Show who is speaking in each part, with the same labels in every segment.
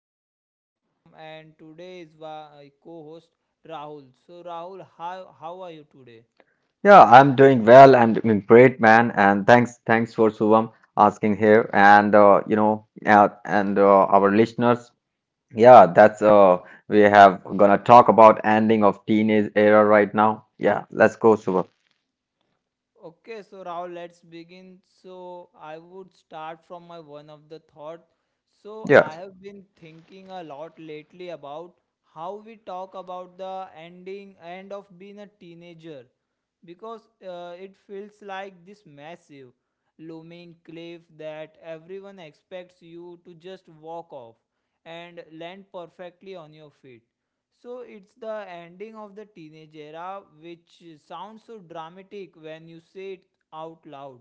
Speaker 1: I'm your host Shubham, and today is my co host Rahul. So, Rahul, how are you today?
Speaker 2: Yeah, I'm doing well. I'm doing great, man. And thanks for Subham asking here. And our listeners, yeah, that's we have gonna talk about ending of teenage era right now. Yeah, let's go, Subham.
Speaker 1: Okay, so Rahul, let's begin. So, I would start from my one of the thought. So,
Speaker 2: Yeah,
Speaker 1: I have been thinking a lot lately about how we talk about the ending end of being a teenager because it feels like this massive, looming cliff that everyone expects you to just walk off and land perfectly on your feet. So it's the ending of the teenage era, which sounds so dramatic when you say it out loud.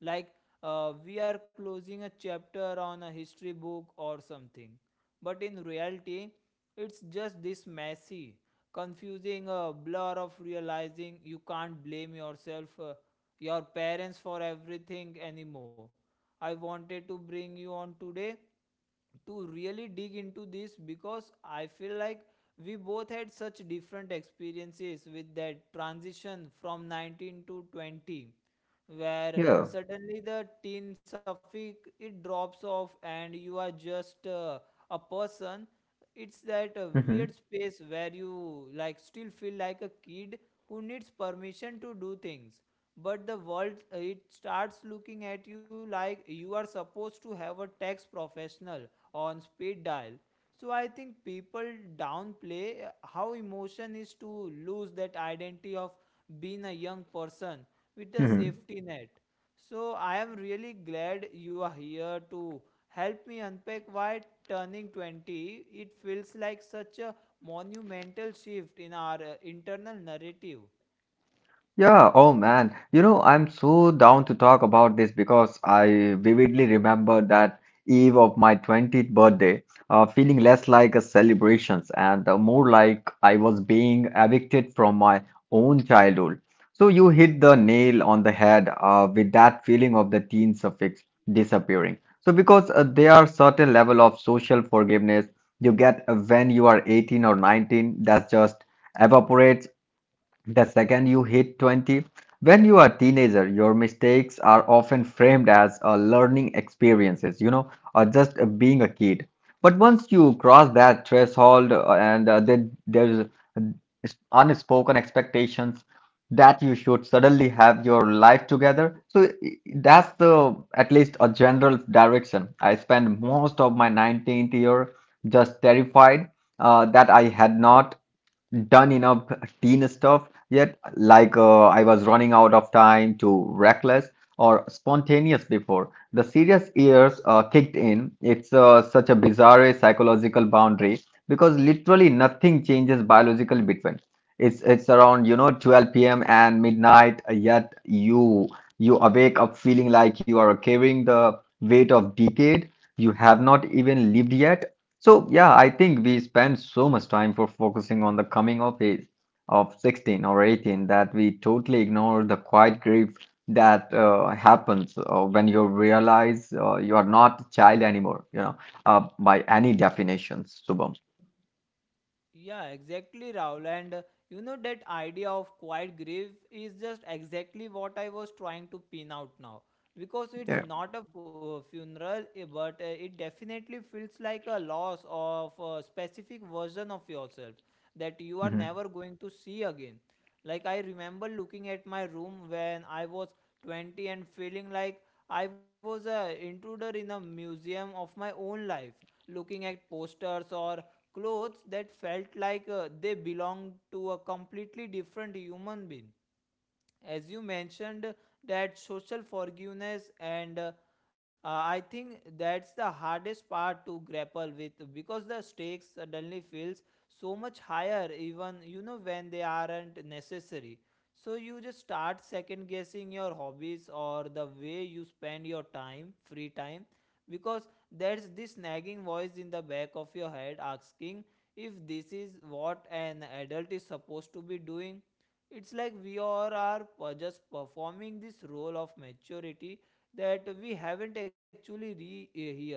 Speaker 1: Like we are closing a chapter on a history book or something. But in reality, it's just this messy, confusing blur of realizing you can't blame yourself, your parents for everything anymore. I wanted to bring you on today to really dig into this because I feel like we both had such different experiences with that transition from 19 to 20, where
Speaker 2: yeah.
Speaker 1: suddenly the teen suffix it drops off and you are just a person. It's that
Speaker 2: Mm-hmm.
Speaker 1: weird space where you like still feel like a kid who needs permission to do things, but the world it starts looking at you like you are supposed to have a tax professional on speed dial. So I think people downplay how emotion is to lose that identity of being a young person with a safety net. So I am really glad you are here to help me unpack why turning 20 it feels like such a monumental shift in our internal narrative.
Speaker 2: Yeah, oh man. You know, I'm so down to talk about this because I vividly remember that eve of my 20th birthday, feeling less like a celebrations and more like I was being evicted from my own childhood. So you hit the nail on the head with that feeling of the teen suffix disappearing. So because there are certain level of social forgiveness you get when you are 18 or 19 that just evaporates the second you hit 20, when you are a teenager, your mistakes are often framed as a learning experiences, you know, or just being a kid. But once you cross that threshold and then there's unspoken expectations that you should suddenly have your life together. That's the at least a general direction. I spent most of my 19th year just terrified that I had not done enough teen stuff yet, like I was running out of time, too reckless or spontaneous before the serious years kicked in. It's such a bizarre psychological boundary because literally nothing changes biologically between, it's around, you know, 12 p.m. and midnight, yet you awake up feeling like you are carrying the weight of decade you have not even lived yet. So, yeah, I think we spend so much time for focusing on the coming of age of 16 or 18 that we totally ignore the quiet grief that happens when you realize you are not a child anymore, you know, by any definitions, Subham.
Speaker 1: Yeah, exactly, Raul. And you know, that idea of quiet grief is just exactly what I was trying to pin out now. Because
Speaker 2: Yeah.
Speaker 1: it's not a funeral, eh, but it definitely feels like a loss of a specific version of yourself that you are
Speaker 2: Mhm.
Speaker 1: never going to see again. Like, I remember looking at my room when I was 20 and feeling like I was an intruder in a museum of my own life, looking at posters or clothes that felt like they belonged to a completely different human being. As you mentioned, that social forgiveness and I think that's the hardest part to grapple with because the stakes suddenly feels so much higher, even you know when they aren't necessary. So you just start second guessing your hobbies or the way you spend your time free time because there's this nagging voice in the back of your head asking if this is what an adult is supposed to be doing. It's like we all are just performing this role of maturity that we haven't actually rehearsed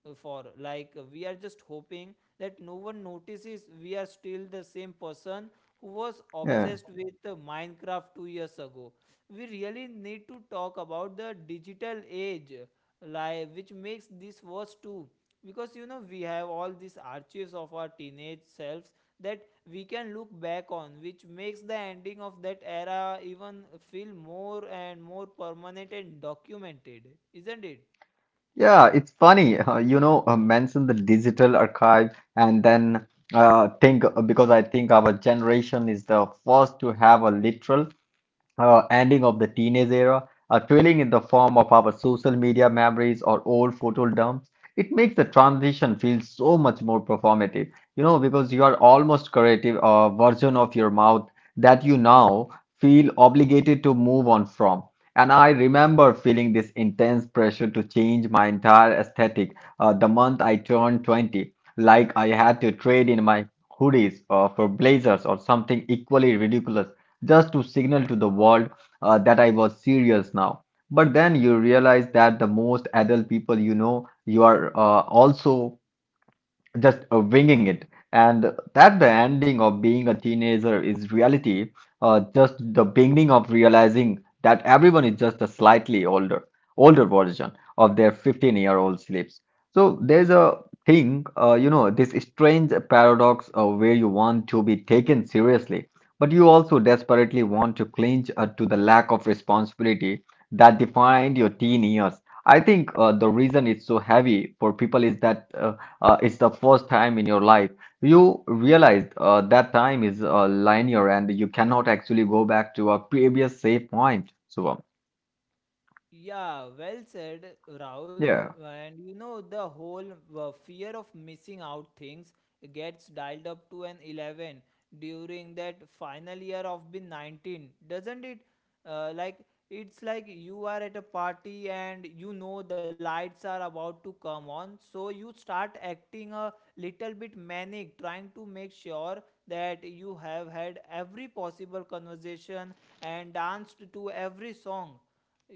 Speaker 1: for. Like we are just hoping that no one notices we are still the same person who was
Speaker 2: Yeah.
Speaker 1: obsessed with Minecraft 2 years ago. We really need to talk about the digital age, like which makes this worse too because you know we have all these archives of our teenage selves that we can look back on, which makes the ending of that era even feel more and more permanent and documented, isn't it?
Speaker 2: Yeah, it's funny, mention the digital archive and then think because I think our generation is the first to have a literal ending of the teenage era, a trailing in the form of our social media memories or old photo dumps. It makes the
Speaker 1: Yeah.
Speaker 2: transition feel so much more performative. You know, because you are almost creative version of your mouth that you now feel obligated to move on from. And I
Speaker 1: Mhm.
Speaker 2: remember feeling this intense pressure to change my entire aesthetic the month I turned 20, like I had to trade in my hoodies for blazers or something equally ridiculous just to signal to the world that I was serious now. But then you realize that the most adult people you know, you are also just winging it, and that the ending of being a teenager is reality, just the beginning of realizing that everyone is just a slightly older version of their 15-year-old sleeps. So there's a thing, you know, this strange paradox where you want to be taken seriously, but you also desperately want to cling to the lack of responsibility that defined your teen years. I think the reason it's so heavy for people is that it's the first time in your life you realize that time is linear and you cannot actually go back to a previous safe point.
Speaker 1: Yeah, well said, Rahul.
Speaker 2: Yeah,
Speaker 1: And you know, the whole fear of missing out things gets dialed up to an 11 during that final year of being 19, doesn't it? Uh, like, it's like you are at a party and you know the lights are about to come on, so you start acting a little bit manic, trying to make sure that you have had every possible conversation and danced to every song.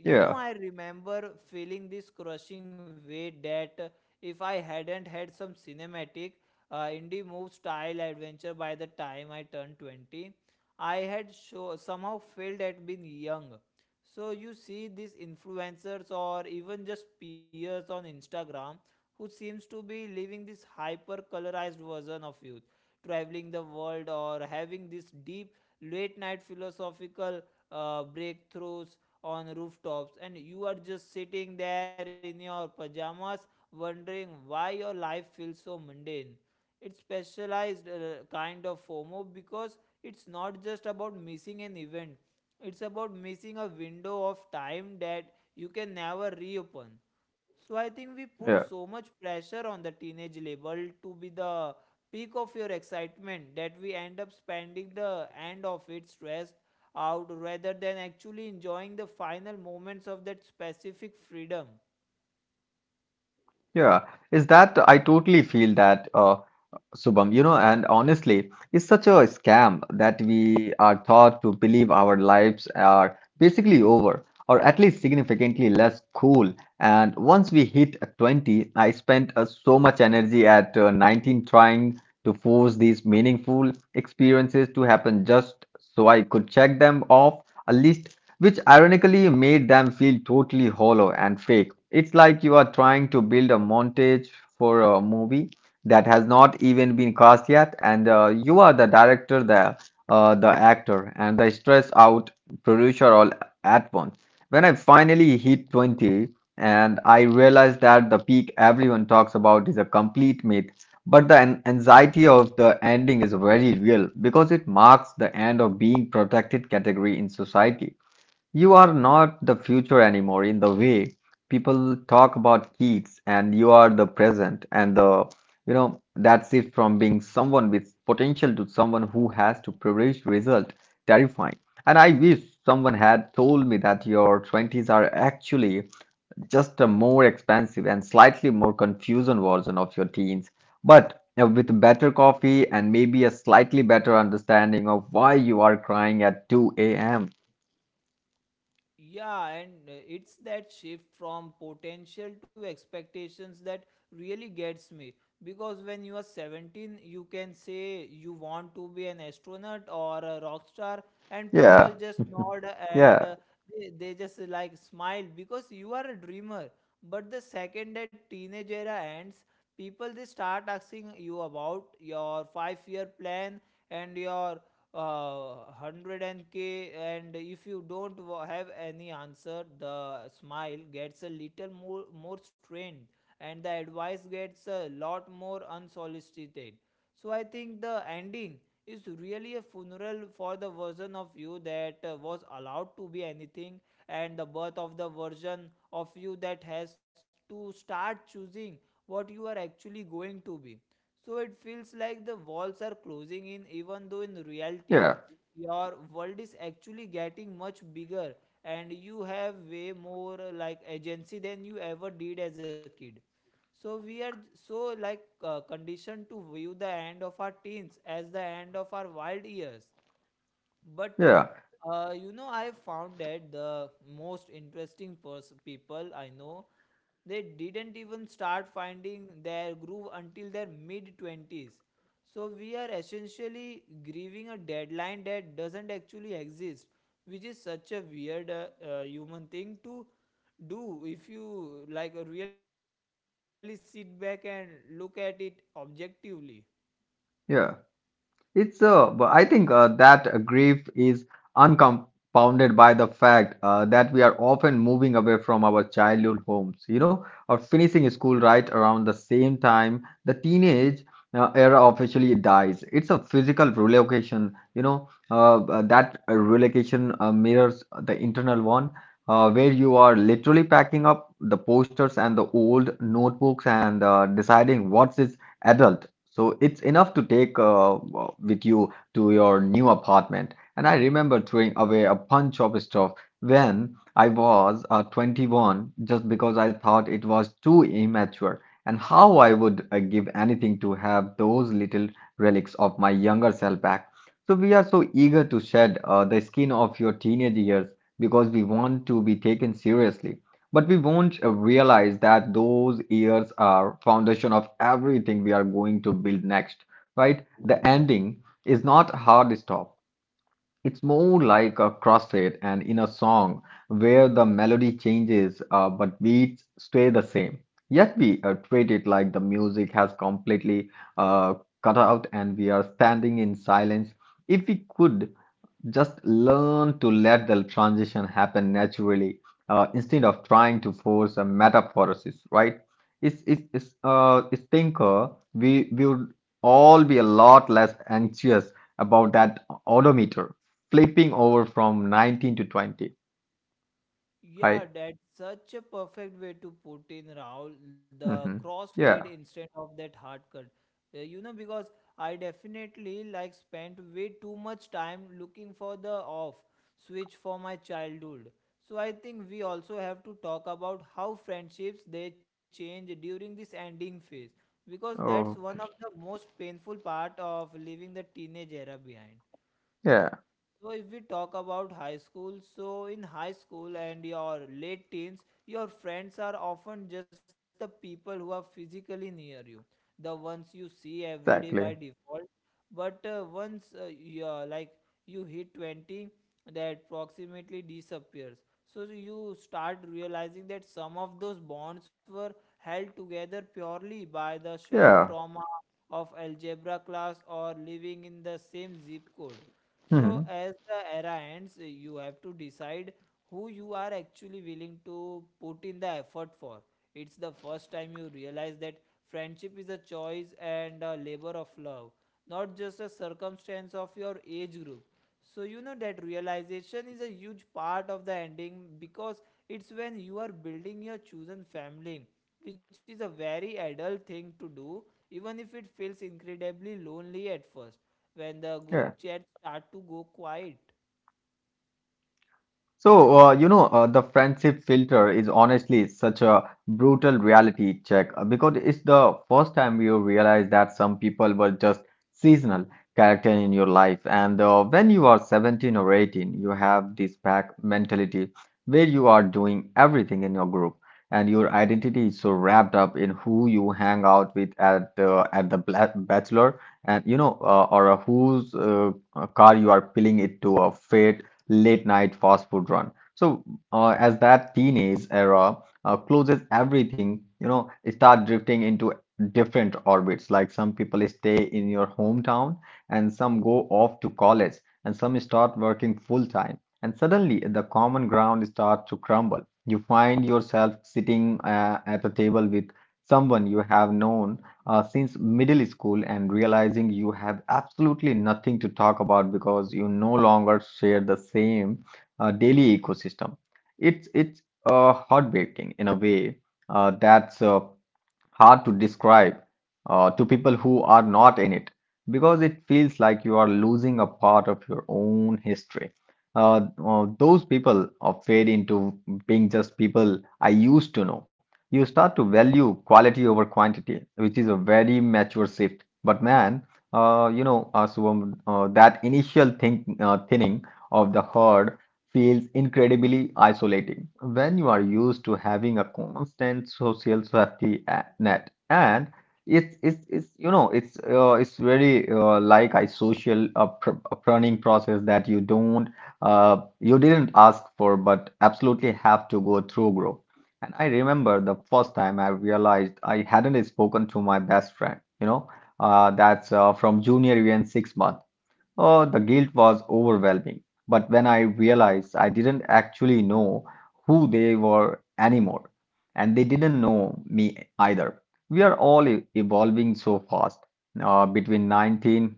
Speaker 1: You know, I remember feeling this crushing weight that if I hadn't had some cinematic indie move style adventure by the time I turned 20, I had somehow failed at being young. So, you see these influencers or even just peers on Instagram who seems to be living this hyper colorized version of youth, traveling the world or having this deep late night philosophical breakthroughs on rooftops, and you are just sitting there in your pajamas wondering why your life feels so mundane. It's specialized kind of FOMO because it's not just about missing an event, it's about missing a window of time that you can never reopen. So I think we put
Speaker 2: yeah,
Speaker 1: so much pressure on the teenage label to be the peak of your excitement that we end up spending the end of it stressed out rather than actually enjoying the final moments of that specific freedom.
Speaker 2: yeah. Is that I totally feel that. Subham, you know, and honestly, it's such a scam that we are taught to believe our lives are basically over, or at least significantly less cool. And once we hit 20, I spent so much energy at 19 trying to force these meaningful experiences to happen just so I could check them off a list, which ironically made them feel totally hollow and fake. It's like you are trying to build a montage for a movie that has not even been cast yet, and you are the director, the actor, and the stress out producer all at once. When I finally hit 20, and I realized that the peak everyone talks about is a complete myth, but the anxiety of the ending is very real because it marks the end of being protected category in society. You are not the future anymore in the way people talk about kids, and you are the present. You know, that shift from being someone with potential to someone who has to privilege result, terrifying. And I wish someone had told me that your 20s are actually just a more expensive and slightly more confusing version of your teens, but with better coffee and maybe a slightly better understanding of why you are crying at 2 a.m.
Speaker 1: Yeah, and it's that shift from potential to expectations that really gets me. Because when you are 17, you can say you want to be an astronaut or a rock star, and people
Speaker 2: Yeah,
Speaker 1: just nod
Speaker 2: yeah.
Speaker 1: and they just like smile because you are a dreamer. But the second that teenage era ends, people they start asking you about your 5 year plan and your 100k, and if you don't have any answer, the smile gets a little more strained and the advice gets a lot more unsolicited. So I think the ending is really a funeral for the version of you that was allowed to be anything, and the birth of the version of you that has to start choosing what you are actually going to be. So it feels like the walls are closing in, even though in reality,
Speaker 2: Yeah,
Speaker 1: your world is actually getting much bigger and you have way more like agency than you ever did as a kid. So we are so like conditioned to view the end of our teens as the end of our wild years, but
Speaker 2: yeah,
Speaker 1: you know I found that the most interesting people I know, they didn't even start finding their groove until their mid 20s. So we are essentially grieving a deadline that doesn't actually exist, which is such a weird human thing to do if you like really sit back and look at it objectively.
Speaker 2: yeah. It's but I think that grief is uncompounded by the fact that we are often moving away from our childhood homes, you know, or finishing school right around the same time the teenage era officially dies. It's a physical relocation, you know, that relocation mirrors the internal one. Where you are literally packing up the posters and the old notebooks and deciding what's is adult. So it's enough to take with you to your new apartment. And I remember throwing away a bunch of stuff when I was 21 just because I thought it was too immature. And how I would give anything to have those little relics of my younger self back. So we are so eager to shed the skin of your teenage years because we want to be taken seriously. But we won't realize that those years are foundation of everything we are going to build next, right? The ending is not a hard stop. It's more like a crusade and in a song where the melody changes, but beats stay the same. Yet we treat it like the music has completely uh, cut out and we are standing in silence. If we could just learn to let the transition happen naturally instead of trying to force a metaphorosis, right? It's thinker, we would all be a lot less anxious about that odometer flipping over from 19 to 20,
Speaker 1: Yeah,
Speaker 2: right?
Speaker 1: that's such a perfect way to put in Rahul, the
Speaker 2: Hmm.
Speaker 1: crossfade
Speaker 2: Yeah.
Speaker 1: instead of that hard cut. You know, because I definitely like spent way too much time looking for the off switch for my childhood. So I think we also have to talk about how friendships they change during this ending phase because that's one of
Speaker 2: Okay.
Speaker 1: the most painful part of leaving the teenage era behind.
Speaker 2: Yeah,
Speaker 1: So if we talk about high school, so in high school and your late teens, your friends are often just the people who are physically near you, the ones you see every day by
Speaker 2: exactly.
Speaker 1: default. But once you, like you hit 20, that approximately disappears. So you start realizing that some of those bonds were held together purely by the shared
Speaker 2: Yeah.
Speaker 1: trauma of algebra class or living in the same zip code. So
Speaker 2: Hmm.
Speaker 1: as the era ends, you have to decide who you are actually willing to put in the effort for. It's the first time you realize that friendship is a choice and a labor of love, not just a circumstance of your age group. So you know that realization is a huge part of the ending because it's when you are building your chosen family, which is a very adult thing to do, even if it feels incredibly lonely at first when the
Speaker 2: Yeah.
Speaker 1: group chat start to go quiet.
Speaker 2: So, the friendship filter is honestly such a brutal reality check because it's the first time you realize that some people were just seasonal character in your life. And when you are 17 or 18, you have this pack mentality where you are doing everything in your group, and your identity is so wrapped up in who you hang out with at the bachelor, and you know, or whose car you are peeling it to a fete late night fast food run. So, as that teenage era closes everything, you know, start drifting into different orbits. Like some people stay in your hometown, and some go off to college, and some start working full time. And suddenly, the common ground starts to crumble. You find yourself sitting at a table with someone you have known since middle school and realizing you have absolutely nothing to talk about because you no longer share the same daily ecosystem. It's heartbreaking in a way that's hard to describe to people who are not in it because it feels like you are losing a part of your own history. Those people fade into being just people I used to know. You start to value quality over quantity, which is a very mature shift. But man, that initial thinning of the herd feels incredibly isolating when you are used to having a constant social safety net, and it's you know it's it's very like a social pr planning process that you don't, you didn't ask for but absolutely have to go through, bro. And I remember the first time I realized I hadn't spoken to my best friend, you know, that's from junior year in 6 months. Oh, the guilt was overwhelming. But when I realized I didn't actually know who they were anymore, and they didn't know me either. We are all evolving so fast. Between 19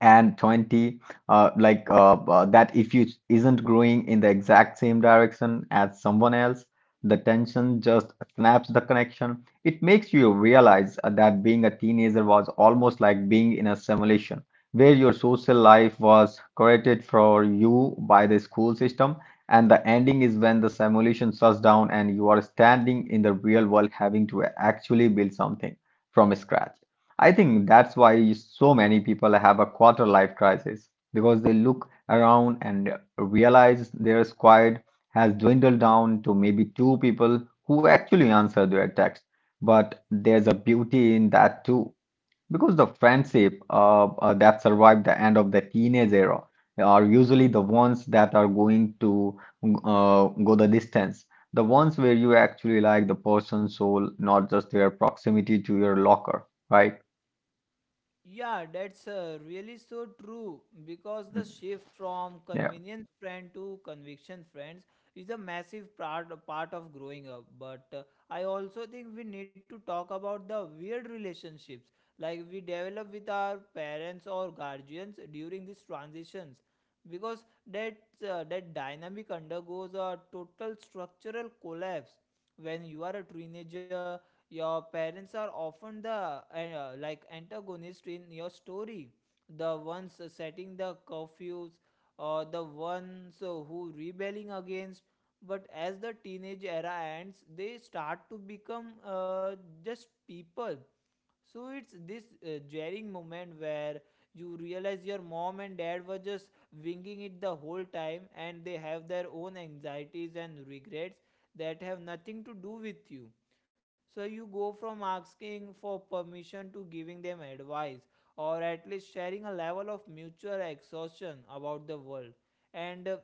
Speaker 2: and 20 uh, like uh, that if you isn't growing in the exact same direction as someone else, the tension just snaps the connection. It makes you realize that being a teenager was almost like being in a simulation where your social life was curated for you by the school system, and the ending is when the simulation shuts down and you are standing in the real world having to actually build something from scratch. I think that's why so many people have a quarter life crisis, because they look around and realize their squad has dwindled down to maybe two people who actually answer their text. But there's a beauty in that too, because the friendship that survived the end of the teenage era are usually the ones that are going to go the distance. The ones where you actually like the person's soul, not just their proximity to your locker, right?
Speaker 1: Yeah, that's really so true because the shift from
Speaker 2: Yeah,
Speaker 1: convenience friend to conviction friends is a massive part of growing up. But I also think we need to talk about the weird relationships like we develop with our parents or guardians during these transitions because that that dynamic undergoes a total structural collapse. When you are a teenager, your parents are often the like antagonist in your story, the ones setting the curfews or the ones who rebelling against. But as the teenage era ends, they start to become just people. So it's this jarring moment where you realize your mom and dad were just winging it the whole time and they have their own anxieties and regrets that have nothing to do with you. So you go from asking for permission to giving them advice, or at least sharing a level of mutual exhaustion about the world. And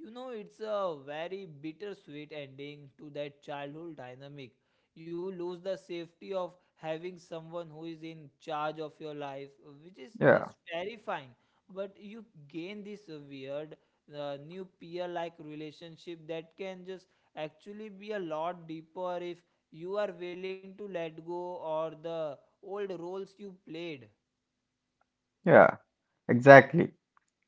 Speaker 1: you know, it's a very bittersweet ending to that childhood dynamic. You lose the safety of having someone who is in charge of your life, which is just
Speaker 2: yeah,
Speaker 1: terrifying. But you gain this weird new peer like relationship that can just actually be a lot deeper if you are willing to let go or the old roles you played.
Speaker 2: yeah, exactly.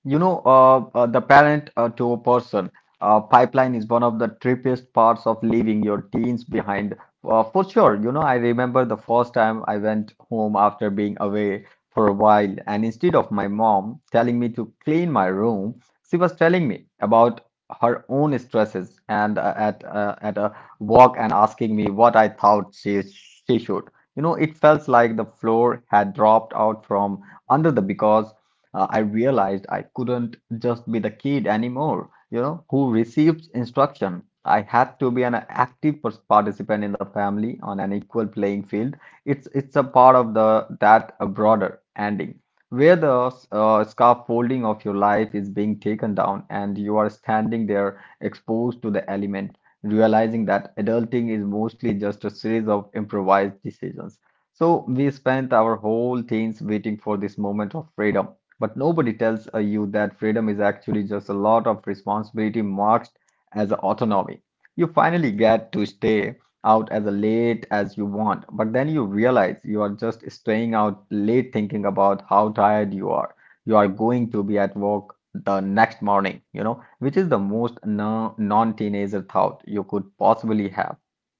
Speaker 2: You know, the parent to a person pipeline is one of the trippiest parts of leaving your teens behind. For sure, you know, I remember the first time I went home after being away for a while, and instead of my mom telling me to clean my room, she was telling me about her own stresses and at a walk and asking me what I thought she should. You know, it felt like the floor had dropped out from under the because I realized I couldn't just be the kid anymore, you know, who receives instruction. I had to be an active participant in the family on an equal playing field. It's a part of the that a broader ending where the scaffolding of your life is being taken down and you are standing there exposed to the element, realizing that adulting is mostly just a series of improvised decisions. So we spent our whole teens waiting for this moment of freedom, but nobody tells you that freedom is actually just a lot of responsibility marked as autonomy. You finally get to stay out as late as you want, but then you realize you are just staying out late thinking about how tired you are. You are going to be at work the next morning, you know, which is the most non-teenager thought you could possibly have,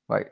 Speaker 2: right?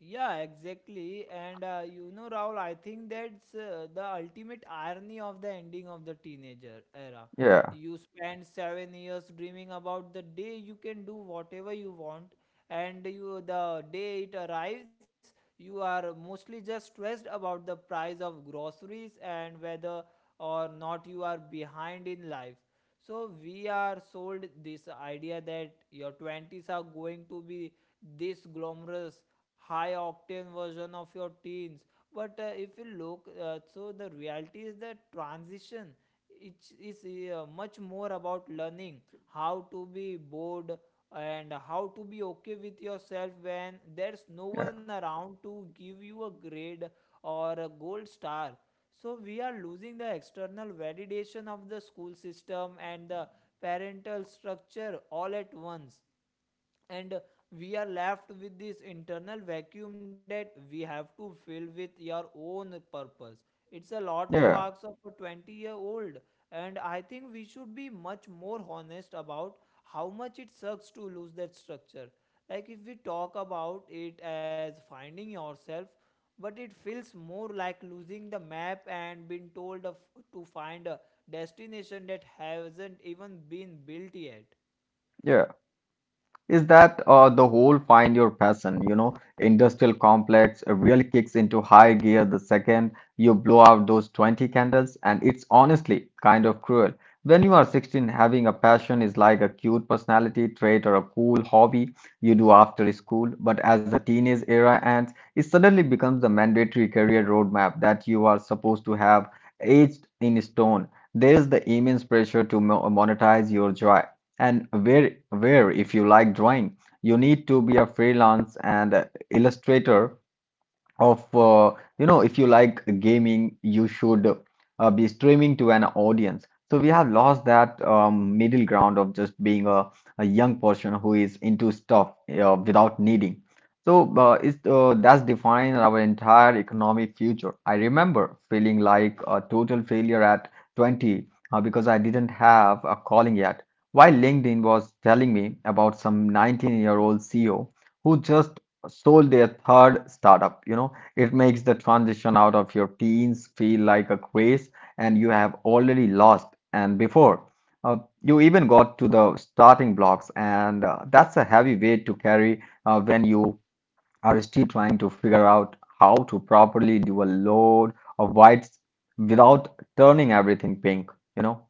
Speaker 1: Yeah, exactly. And you know, Raul, I think that's the ultimate irony of the ending of the teenager era.
Speaker 2: Yeah,
Speaker 1: You spend 7 years dreaming about the day you can do whatever you want, and you the day it arrives, you are mostly just stressed about the price of groceries and whether or not you are behind in life. So we are sold this idea that your twenties are going to be this glamorous high octane version of your teens, but if you look so the reality is that transition it is much more about learning how to be bored and how to be okay with yourself when there's no
Speaker 2: yeah,
Speaker 1: one around to give you a grade or a gold star. So we are losing the external validation of the school system and the parental structure all at once, and we are left with this internal vacuum that we have to fill with your own purpose. It's a lot to
Speaker 2: yeah,
Speaker 1: ask of a 20-year old, and I think we should be much more honest about how much it sucks to lose that structure. Like if we talk about it as finding yourself, but it feels more like losing the map and being told of, to find a destination that hasn't even been built yet.
Speaker 2: yeah. Is that the whole find your passion, you know, industrial complex really kicks into high gear the second you blow out those 20 candles, and it's honestly kind of cruel. When you are 16, having a passion is like a cute personality trait or a cool hobby you do after school, but as the teenage era ends, it suddenly becomes the mandatory career roadmap that you are supposed to have aged in stone. There is the immense pressure to monetize your joy, and where if you like drawing, you need to be a freelance and illustrator of you know, if you like gaming you should be streaming to an audience. So we have lost that middle ground of just being a young person who is into stuff without needing. That's defined our entire economic future. I remember feeling like a total failure at 20, because I didn't have a calling yet, while LinkedIn was telling me about some 19-year-old CEO who just sold their third startup, you know. It makes the transition out of your teens feel like a race and you have already lost and before uh, you even got to the starting blocks, and that's a heavy weight to carry when you are still trying to figure out how to properly do a load of whites without turning everything pink, you know?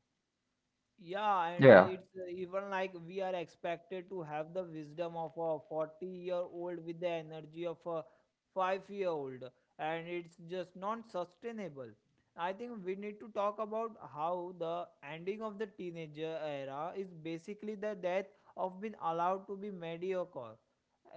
Speaker 1: Yeah, and
Speaker 2: Yeah,
Speaker 1: it's even like we are expected to have the wisdom of a 40-year-old with the energy of a 5-year-old, and it's just non sustainable. I think we need to talk about how the ending of the teenager era is basically the death of being allowed to be mediocre.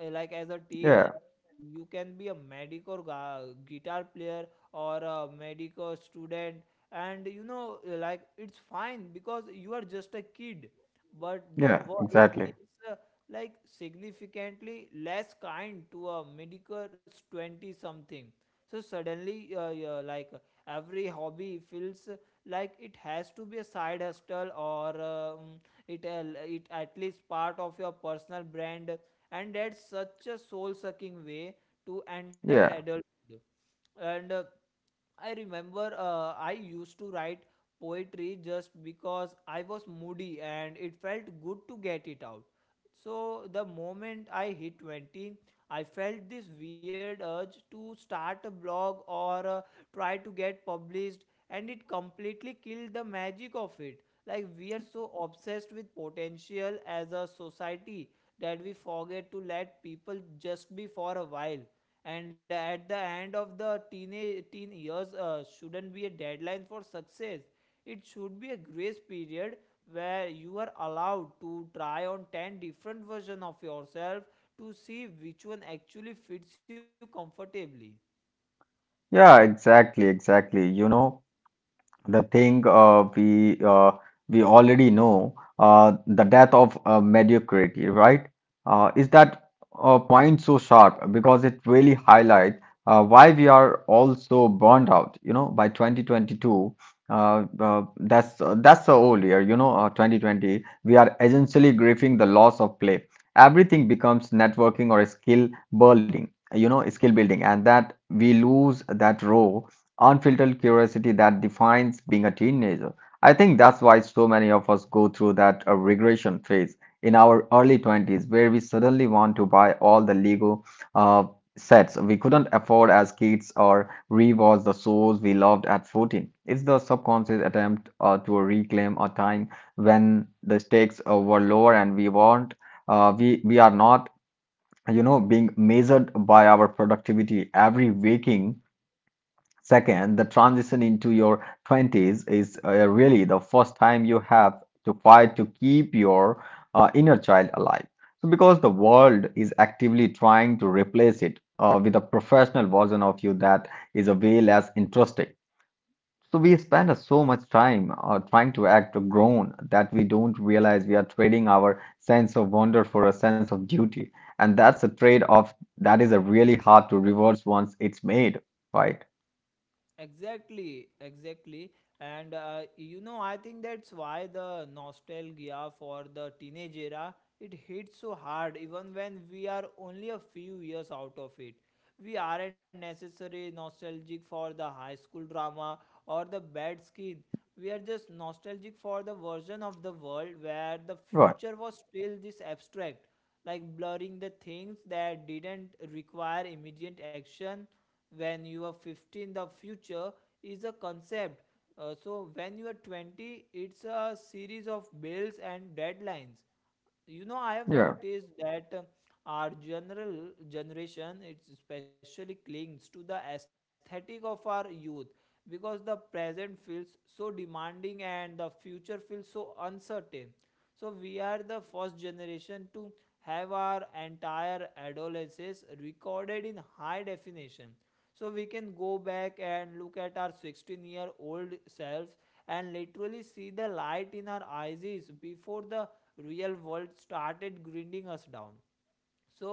Speaker 1: Like as a teen,
Speaker 2: yeah,
Speaker 1: you can be a medic or guitar player or a medic or student, and you know, like it's fine because you are just a kid. But the
Speaker 2: yeah,
Speaker 1: world
Speaker 2: exactly.
Speaker 1: is uh, like significantly less kind to a medical 20 something. So suddenly, yeah, like every hobby feels like it has to be a side hustle, or it at least part of your personal brand, and that's such a soul sucking way to enter
Speaker 2: Yeah,
Speaker 1: adulthood. And I remember, I used to write poetry just because I was moody and it felt good to get it out. So the moment I hit 20, I felt this weird urge to start a blog or try to get published, and it completely killed the magic of it. Like we are so obsessed with potential as a society that we forget to let people just be for a while, and at the end of the teen years shouldn't be a deadline for success. It should be a grace period where you are allowed to try on 10 different versions of yourself to see which one actually fits you comfortably.
Speaker 2: yeah, exactly, exactly. You know, the thing we already know the death of mediocrity, right, is that point so sharp because it really highlights why we are all so burned out, you know, by 2022. That's the whole year, you know, 2020 we are essentially grieving the loss of play. Everything becomes networking or skill building, you know, skill building, and that we lose that raw unfiltered curiosity that defines being a teenager. I think that's why so many of us go through that regression phase in our early 20s, where we suddenly want to buy all the Lego uh, sets we couldn't afford as kids or rewatch the shows we loved at 14. It's the subconscious attempt to reclaim a time when the stakes were lower and we weren't, we are not, you know, being measured by our productivity every waking second. The transition into your 20s is really the first time you have to fight to keep your inner child alive. So, because the world is actively trying to replace it with a professional version of you that is a way less interesting. So, we spend so much time trying to act grown that we don't realize we are trading our sense of wonder for a sense of duty. And that's a trade-off that is really hard to reverse once it's made, right?
Speaker 1: Exactly, exactly. And you know, I think that's why the nostalgia for the teenage era, it hits so hard even when we are only a few years out of it. We aren't necessarily nostalgic for the high school drama or the bad skin. We are just nostalgic for the version of the world where the
Speaker 2: Right.
Speaker 1: future was still this abstract, like blurring the things that didn't require immediate action. When you are 15, the future is a concept, so when you are 20 it's a series of bills and deadlines. You know, I have
Speaker 2: Yeah,
Speaker 1: noticed that our general generation, it especially clings to the aesthetic of our youth because the present feels so demanding and the future feels so uncertain. So we are the first generation to have our entire adolescence recorded in high definition, so we can go back and look at our 16-year-old selves and literally see the light in our eyes before the real world started grinding us down.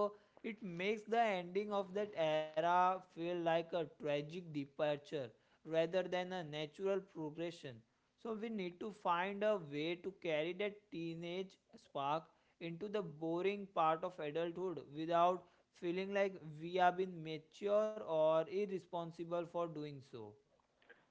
Speaker 1: So it makes the ending of that era feel like a tragic departure rather than a natural progression. So we need to find a way to carry that teenage spark into the boring part of adulthood without feeling like we have been mature or irresponsible for doing so.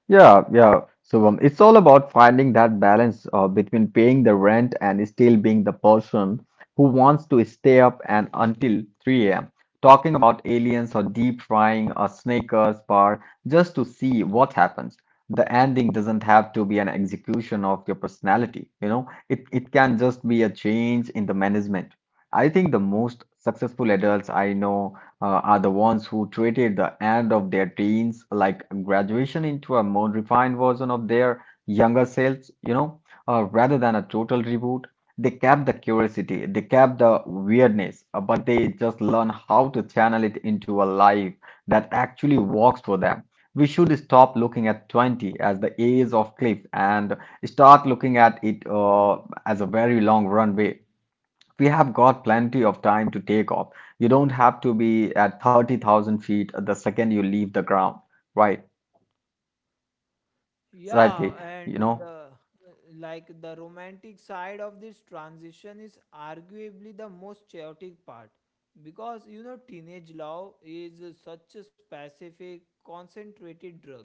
Speaker 2: yeah, yeah. So it's all about finding that balance between paying the rent and still being the person who wants to stay up and until 3 a.m. talking about aliens or deep frying a Snickers bar just to see what happens. The ending doesn't have to be an execution of your personality, you know. It can just be a change in the management. I think the most successful adults I know are the ones who treated the end of their teens like graduation into a more refined version of their younger selves, you know, rather than a total reboot. They kept the curiosity, they kept the weirdness, but they just learn how to channel it into a life that actually works for them. We should stop looking at 20 as the age of cliff and start looking at it as a very long runway. We have got plenty of time to take off. You don't have to be at 30,000 feet the second you leave the ground. Right,
Speaker 1: Yeah,
Speaker 2: rightly, you
Speaker 1: and the
Speaker 2: know.
Speaker 1: uh, like the romantic side of this transition is arguably the most chaotic part, because you know teenage love is such a specific concentrated drug.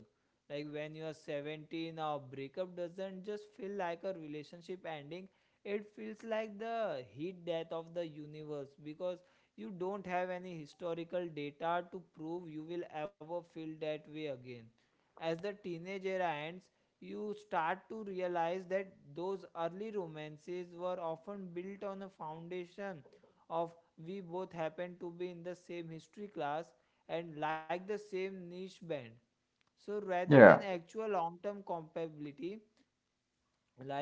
Speaker 1: Like when you are 17, a breakup doesn't just feel like a relationship ending, it feels like the heat death of the universe because you don't have any historical data to prove you will ever feel that way again. As the teenage era ends, you start to realize that those early romances were often built on a foundation of we both happen to be in the same history class and like the same niche band. So rather
Speaker 2: Yeah.
Speaker 1: than actual long term compatibility,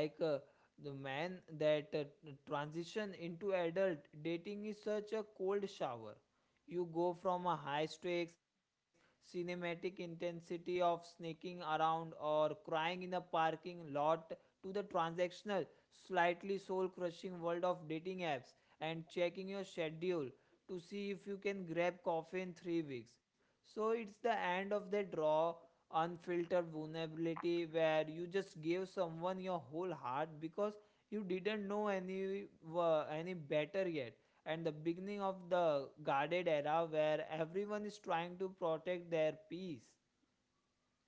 Speaker 1: like the man that transition into adult dating is such a cold shower. You go from a high stakes cinematic intensity of sneaking around or crying in a parking lot to the transactional slightly soul crushing world of dating apps and checking your schedule to see if you can grab coffee in 3 weeks. So it's the end of the draw unfiltered vulnerability where you just gave someone your whole heart because you didn't know any were any better yet, and the beginning of the guarded era where everyone is trying to protect their peace.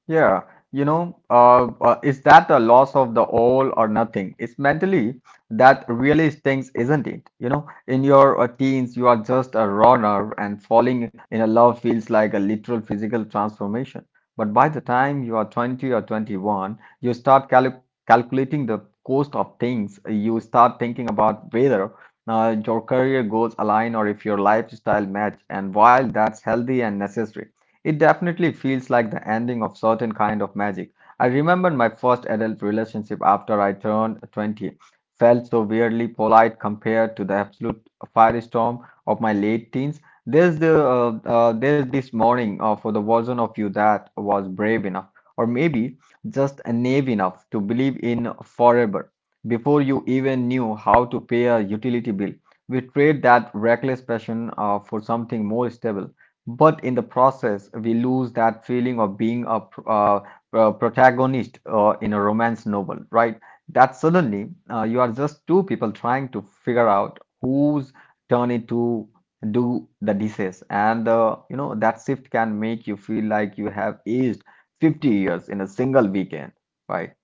Speaker 2: Yeah, you know, is that the loss of the all or nothing? It's mentally that really stings, isn't it? You know, in your teens, you are just a raw nerve, and falling in a love feels like a literal physical transformation. But by the time you are 20 or 21, you start calculating the cost of things. You start thinking about whether your career goals align or if your lifestyle match. And while that's healthy and necessary, it definitely feels like the ending of certain kind of magic. I remember my first adult relationship after I turned 20 felt so weirdly polite compared to the absolute firestorm of my late teens. There's there's this morning for the version of you that was brave enough, or maybe just naive enough to believe in forever before you even knew how to pay a utility bill. We trade that reckless passion for something more stable, but in the process, we lose that feeling of being a protagonist in a romance novel, right? That suddenly you are just two people trying to figure out whose turn it to do the dishes. And you know, that shift can make you feel like you have aged 50 years in a single weekend, right?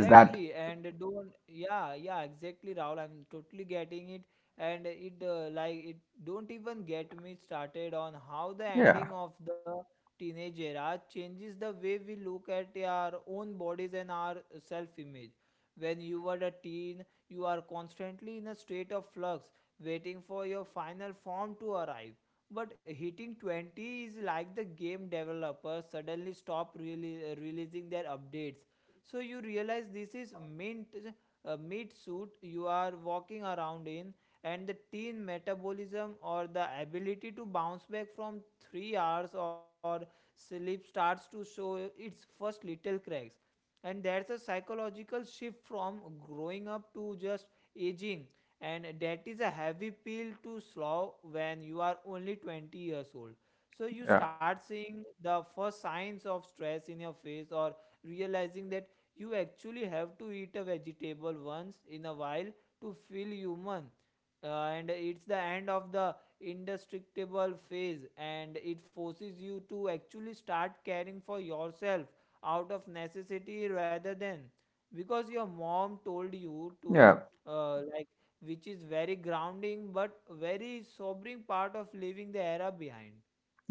Speaker 2: Is that,
Speaker 1: and don't, yeah, yeah, exactly, Rahul. I'm totally getting it, and it like it, don't even get me started on how the
Speaker 2: yeah,
Speaker 1: ending of the teenage era changes the way we look at our own bodies and our self-image. When you were a teen, you are constantly in a state of flux, waiting for your final form to arrive. But hitting 20 is like the game developers suddenly stop really, releasing their updates. So you realize this is mint meat suit you are walking around in, and the teen metabolism or the ability to bounce back from 3 hours or sleep starts to show its first little cracks. And there's a psychological shift from growing up to just aging, and that is a heavy pill to swallow when you are only 20 years old. So you
Speaker 2: yeah,
Speaker 1: start seeing the first signs of stress in your face or realizing that you actually have to eat a vegetable once in a while to feel human. And it's the end of the indestructible phase, and it forces you to actually start caring for yourself out of necessity rather than because your mom told you to,
Speaker 2: yeah.
Speaker 1: like, which is very grounding but very sobering part of leaving the era behind.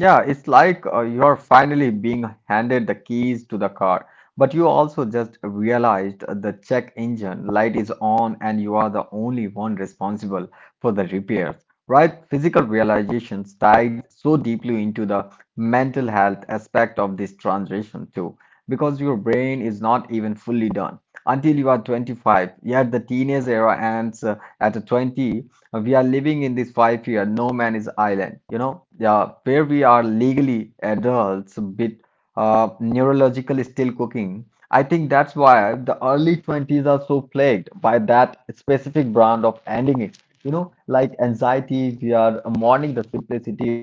Speaker 2: Yeah, it's like you're finally being handed the keys to the car, but you also just realized the check engine light is on and you are the only one responsible for the repairs, right? Physical realizations tied so deeply into the mental health aspect of this transition too, because your brain is not even fully done until you are 25. Yet the teenage era ends at 20. We are living in this 5 year no man is island, you know? Yeah, where we are legally adults, but neurological still cooking. I think that's why the early 20s are so plagued by that specific brand of ending it. You know, like anxiety, we are mourning the simplicity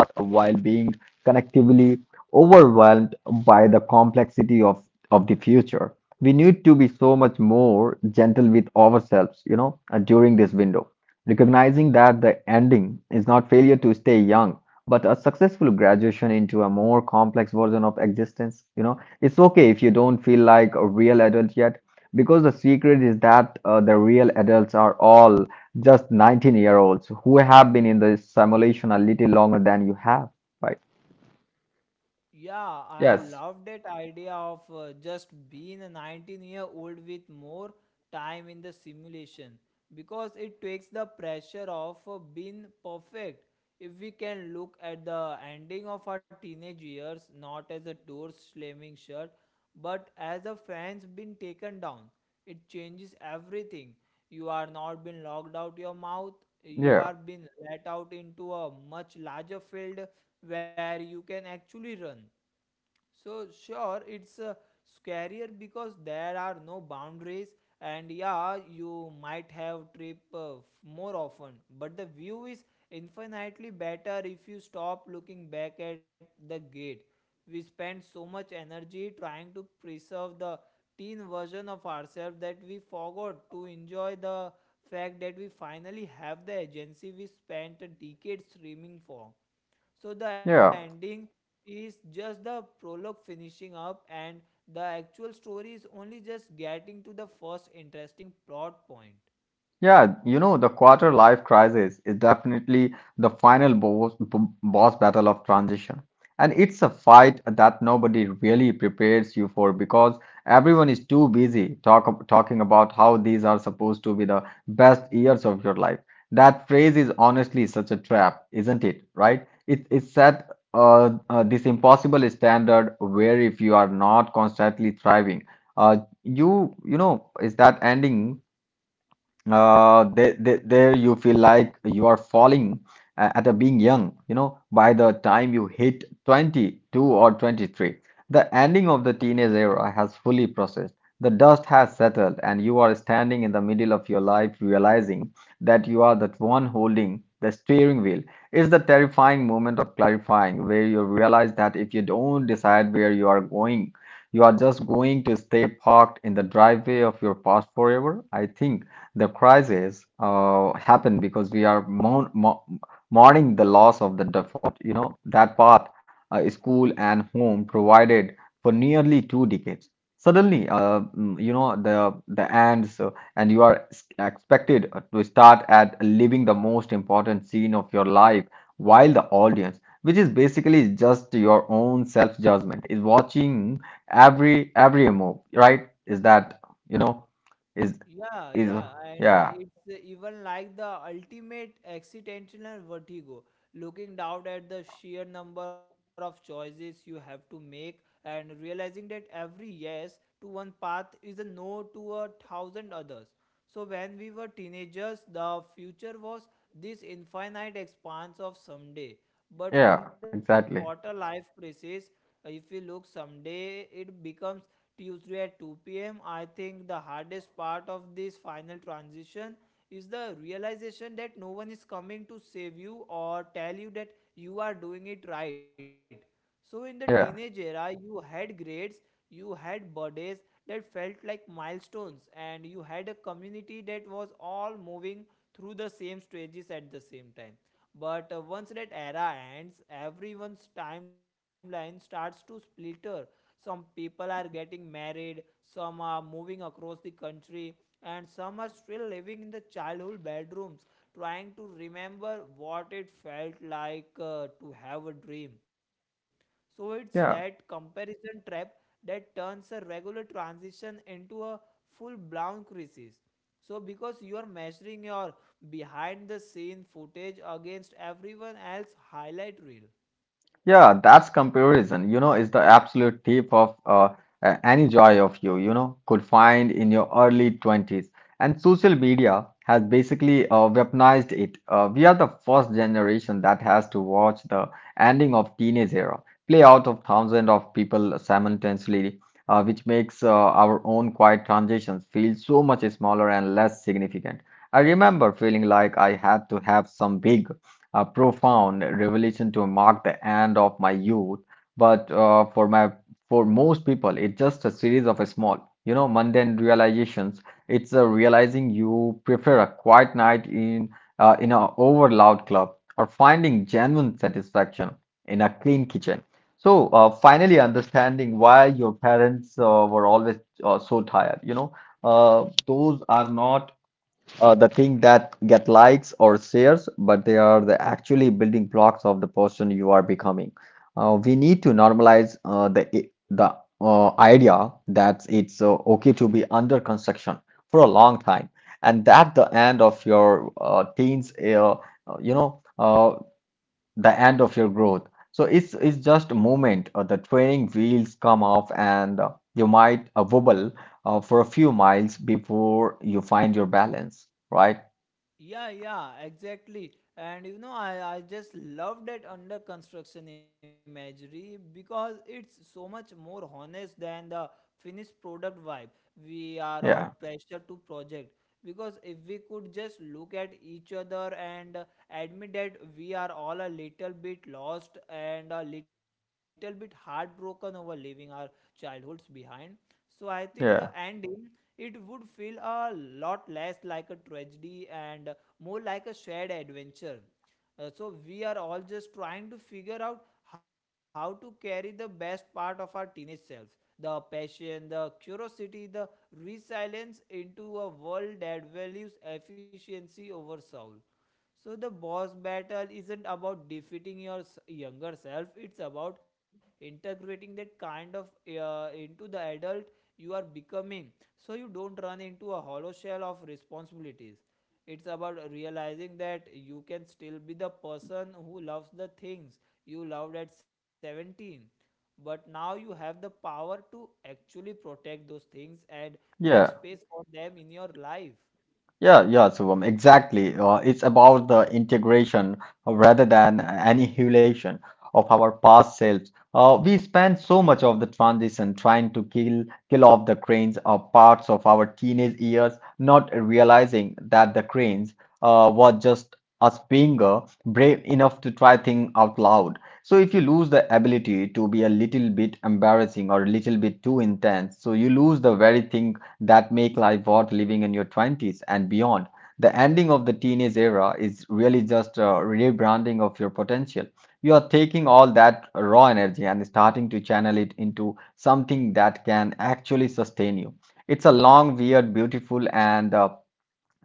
Speaker 2: while being connectively overwhelmed by the complexity of the future. We need to be so much more gentle with ourselves, you know, during this window, recognizing that the ending is not failure to stay young, but a successful graduation into a more complex version of existence. You know, it's okay if you don't feel like a real adult yet, because the secret is that the real adults are all just 19-year-olds who have been in the simulation a little longer than you have, right?
Speaker 1: Yeah, I
Speaker 2: Yes.
Speaker 1: love that idea of just being a 19-year-old with more time in the simulation, because it takes the pressure off being perfect. If we can look at the ending of our teenage years not as a door slamming shut but as a fence being taken down, it changes everything. You are not being locked out your mouth, you
Speaker 2: Yeah,
Speaker 1: are being let out into a much larger field where you can actually run. So sure, it's scarier because there are no boundaries, and yeah, you might have trip more often, but the view is infinitely better if you stop looking back at the gate. We spend so much energy trying to preserve the teen version of ourselves that we forgot to enjoy the fact that we finally have the agency we spent decades dreaming for. So the
Speaker 2: yeah.
Speaker 1: ending is just the prologue finishing up, and the actual story is only just getting to the first interesting plot point.
Speaker 2: Yeah, you know, the quarter life crisis is definitely the final boss battle of transition. And it's a fight that nobody really prepares you for because everyone is too busy talking about how these are supposed to be the best years of your life. That phrase is honestly such a trap, isn't it? Right? It set this impossible standard where if you are not constantly thriving, uh, you know, is that ending? There you feel like you are falling at a being young. You know, by the time you hit 22 or 23, the ending of the teenage era has fully processed. The dust has settled, and you are standing in the middle of your life, realizing that you are the one holding the steering wheel. It's the terrifying moment of clarifying, where you realize that if you don't decide where you are going, you are just going to stay parked in the driveway of your past forever. I think. The crisis happened because we are mourning the loss of the default, you know, that path, school and home provided for nearly two decades. Suddenly, you know, the ends, and you are expected to start at living the most important scene of your life, while the audience, which is basically just your own self-judgment, is watching every move, right? Is that, you know? is
Speaker 1: Yeah,
Speaker 2: is,
Speaker 1: yeah, and
Speaker 2: yeah,
Speaker 1: it's even like the ultimate accidental vertigo, looking down at the sheer number of choices you have to make and realizing that every yes to one path is a no to a thousand others. So when we were teenagers, the future was this infinite expanse of someday. But in
Speaker 2: yeah,
Speaker 1: the quarter
Speaker 2: exactly,
Speaker 1: life crisis, if you look someday, it becomes Tuesday at 2 pm. I think the hardest part of this final transition is the realization that no one is coming to save you or tell you that you are doing it right. So, in the teenage era,
Speaker 2: yeah,
Speaker 1: you had grades, you had birthdays that felt like milestones, and you had a community that was all moving through the same stages at the same time. But once that era ends, everyone's timeline starts to splinter. Some people are getting married, some are moving across the country, and some are still living in the childhood bedrooms trying to remember what it felt like to have a dream. So it's that
Speaker 2: yeah.
Speaker 1: comparison trap that turns a regular transition into a full blown crisis, so because you are measuring your behind the scene footage against everyone else's highlight reel.
Speaker 2: Yeah, that's comparison, you know, is the absolute thief of any joy of you, you know, could find in your early 20s. And social media has basically weaponized it. We are the first generation that has to watch the ending of teenage era play out of thousands of people simultaneously, which makes our own quiet transitions feel so much smaller and less significant. I remember feeling like I had to have some big a profound revelation to mark the end of my youth. But for my for most people, it's just a series of a small, you know, mundane realizations. It's a realizing you prefer a quiet night in a over loud club or finding genuine satisfaction in a clean kitchen. So finally, understanding why your parents were always so tired. You know, those are not the thing that get likes or shares, but they are the actually building blocks of the person you are becoming. We need to normalize the idea that it's okay to be under construction for a long time, and that the end of your teens, you know, the end of your growth. So it's just a moment. The training wheels come off, and you might wobble for a few miles before you find your balance, right?
Speaker 1: Yeah, yeah, exactly. And you know, I just love that under construction imagery because it's so much more honest than the finished product vibe. We are all
Speaker 2: Yeah,
Speaker 1: pressured to project because if we could just look at each other and admit that we are all a little bit lost and a little bit heartbroken over leaving our childhoods behind. So I think the
Speaker 2: yeah,
Speaker 1: ending it would feel a lot less like a tragedy and more like a shared adventure. So we are all just trying to figure out how to carry the best part of our teenage selves, the passion, the curiosity, the resilience, into a world that values efficiency over soul. So the boss battle isn't about defeating your younger self, it's about integrating that kind of into the adult you are becoming, so you don't run into a hollow shell of responsibilities. It's about realizing that you can still be the person who loves the things you loved at 17, but now you have the power to actually protect those things and make
Speaker 2: yeah,
Speaker 1: space for them in your life.
Speaker 2: yeah, yeah, Shubham, exactly. It's about the integration rather than annihilation of our past selves. We spend so much of the transition trying to kill off the cranes or parts of our teenage years, not realizing that the cranes were just us being brave enough to try things out loud. So if you lose the ability to be a little bit embarrassing or a little bit too intense, so you lose the very thing that make life worth living in your 20s and beyond. The ending of the teenage era is really just a rebranding of your potential. You are taking all that raw energy and starting to channel it into something that can actually sustain you. It's a long, weird, beautiful, and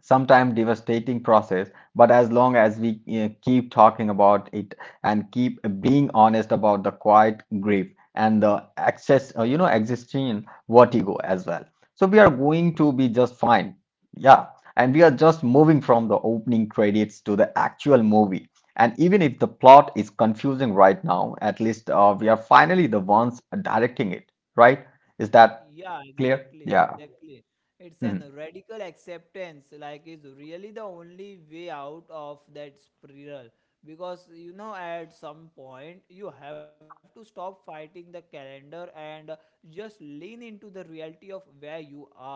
Speaker 2: sometimes devastating process, but as long as we keep talking about it and keep being honest about the quiet grief and the access you know existing vertigo as well, so we are going to be just fine. Yeah. And we are just moving from the opening credits to the actual movie, and even if the plot is confusing right now, at least we are finally the ones directing it, right? Is that
Speaker 1: Yeah,
Speaker 2: clear?
Speaker 1: exactly,
Speaker 2: Yeah.
Speaker 1: exactly. It's an
Speaker 2: Mhm.
Speaker 1: radical acceptance, like, is really the only way out of that spiral. Because you know, at some point, you have to stop fighting the calendar and just lean into the reality of where you are.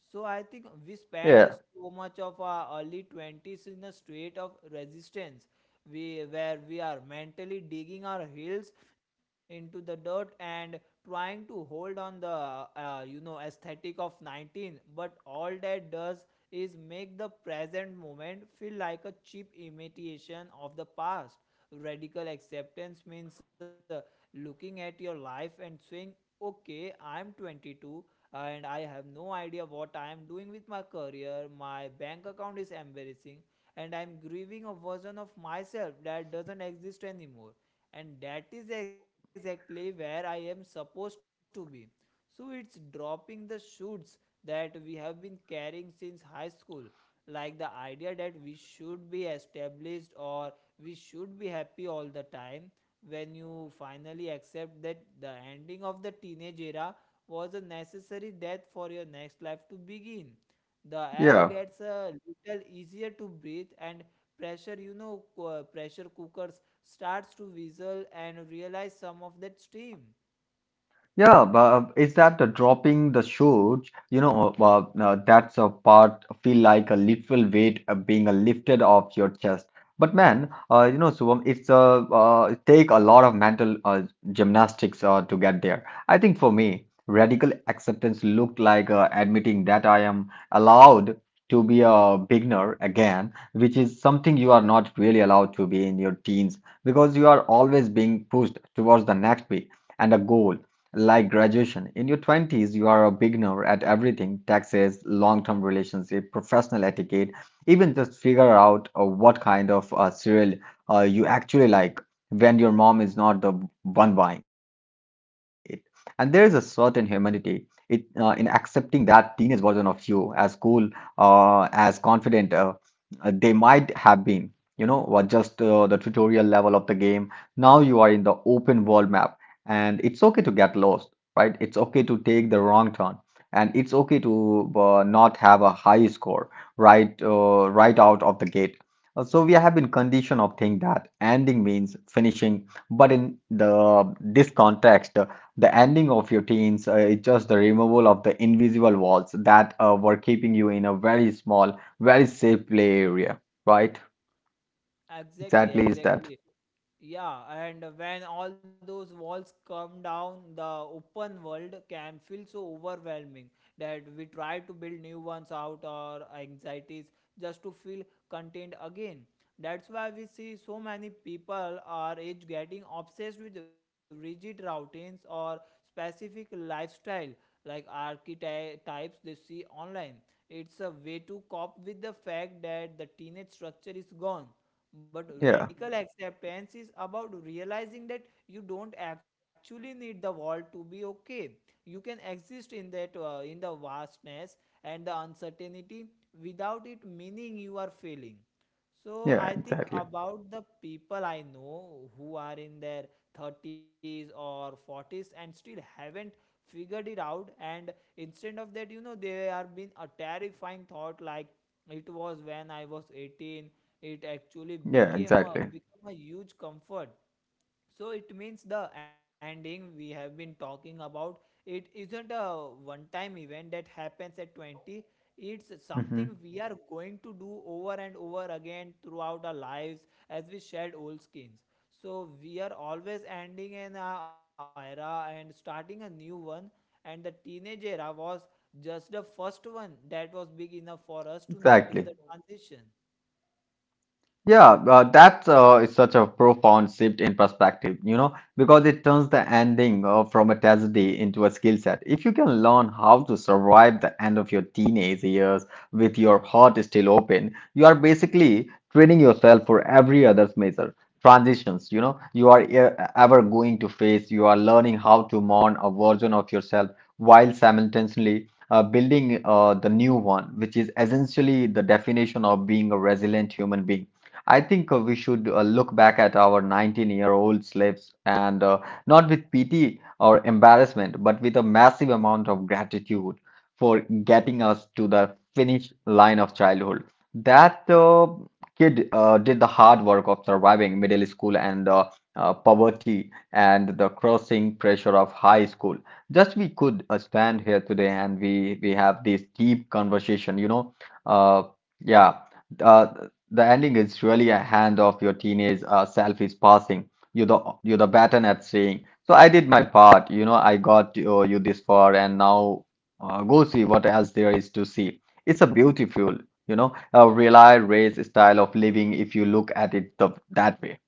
Speaker 1: So I think we spend
Speaker 2: Yeah,
Speaker 1: so much of our early twenties in a state of resistance. We where we are mentally digging our heels into the dirt and trying to hold on the you know aesthetic of 19, but all that does is make the present moment feel like a cheap imitation of the past. Radical acceptance means looking at your life and saying, okay, I'm 22 and I have no idea what I am doing with my career, my bank account is embarrassing, and I'm grieving a version of myself that doesn't exist anymore, and that is exactly where I am supposed to be. So it's dropping the shoots that we have been carrying since high school, like the idea that we should be established or we should be happy all the time. When you finally accept that the ending of the teenage era was a necessary death for your next life to begin, the air
Speaker 2: yeah.
Speaker 1: gets a little easier to breathe and pressure, you know, pressure cookers starts to whistle and realize some of that steam.
Speaker 2: Yeah, but is that dropping the show? You know, well, that's a part feel like a literal weight being lifted off your chest. But man, you know, Subham, it's a it take a lot of mental gymnastics to get there. I think for me, radical acceptance looked like admitting that I am allowed to be a beginner again, which is something you are not really allowed to be in your teens because you are always being pushed towards the next big and a goal. Like graduation, in your 20s, you are a beginner at everything taxes, long term relationship, professional etiquette, even just figure out what kind of cereal you actually like when your mom is not the one buying it. And there is a certain humanity it, in accepting that teenage version of you as cool, as confident they might have been. You know, or just the tutorial level of the game. Now you are in the open world map and it's okay to get lost, right? It's okay to take the wrong turn, and it's okay to not have a high score, right out of the gate. So we have been conditioned of think that ending means finishing, but in the this context, the ending of your teens is just the removal of the invisible walls that were keeping you in a very small, very safe play area, right?
Speaker 1: Exactly,
Speaker 2: Exactly is that.
Speaker 1: exactly. Yeah, and when all those walls come down, the open world can feel so overwhelming that we try to build new ones out or anxieties just to feel contained again. That's why we see so many people our age getting obsessed with rigid routines or specific lifestyle like archetypes they see online. It's a way to cope with the fact that the teenage structure is gone, but
Speaker 2: Yeah,
Speaker 1: radical acceptance is about realizing that you don't actually need the world to be okay. You can exist in that in the vastness and the uncertainty without it meaning you are failing. So
Speaker 2: yeah,
Speaker 1: I think
Speaker 2: exactly.
Speaker 1: about the people I know who are in their 30s or 40s and still haven't figured it out, and instead of that, you know, they are been a terrifying thought like it was when I was 18, it actually
Speaker 2: Yeah,
Speaker 1: became
Speaker 2: exactly.
Speaker 1: a become a huge comfort. So it means the ending we have been talking about, it isn't a one time event that happens at 20, it's something
Speaker 2: Hmm.
Speaker 1: we are going to do over and over again throughout our lives as we shed old skins. So we are always ending an era and starting a new one, and the teenage era was just the first one that was big enough for us to
Speaker 2: Exactly.
Speaker 1: notice the transition.
Speaker 2: Yeah, that is such a profound shift in perspective, you know, because it turns the ending from a tragedy into a skill set. If you can learn how to survive the end of your teenage years with your heart still open, you are basically training yourself for every other's measure. Transitions, you know, you are ever going to face, you are learning how to mourn a version of yourself while simultaneously building the new one, which is essentially the definition of being a resilient human being. I think we should look back at our 19-year-old slaves and not with pity or embarrassment, but with a massive amount of gratitude for getting us to the finish line of childhood. That kid did the hard work of surviving middle school and poverty and the crossing pressure of high school. Just we could stand here today and we have this deep conversation, you know. Uh, yeah. Uh, the ending is really a hand of your teenage self is passing you the you the baton at saying. So I did my part. You know, I got you this far, and now go see what else there is to see. It's a beautiful, you know, a rely race style of living if you look at it the, that way.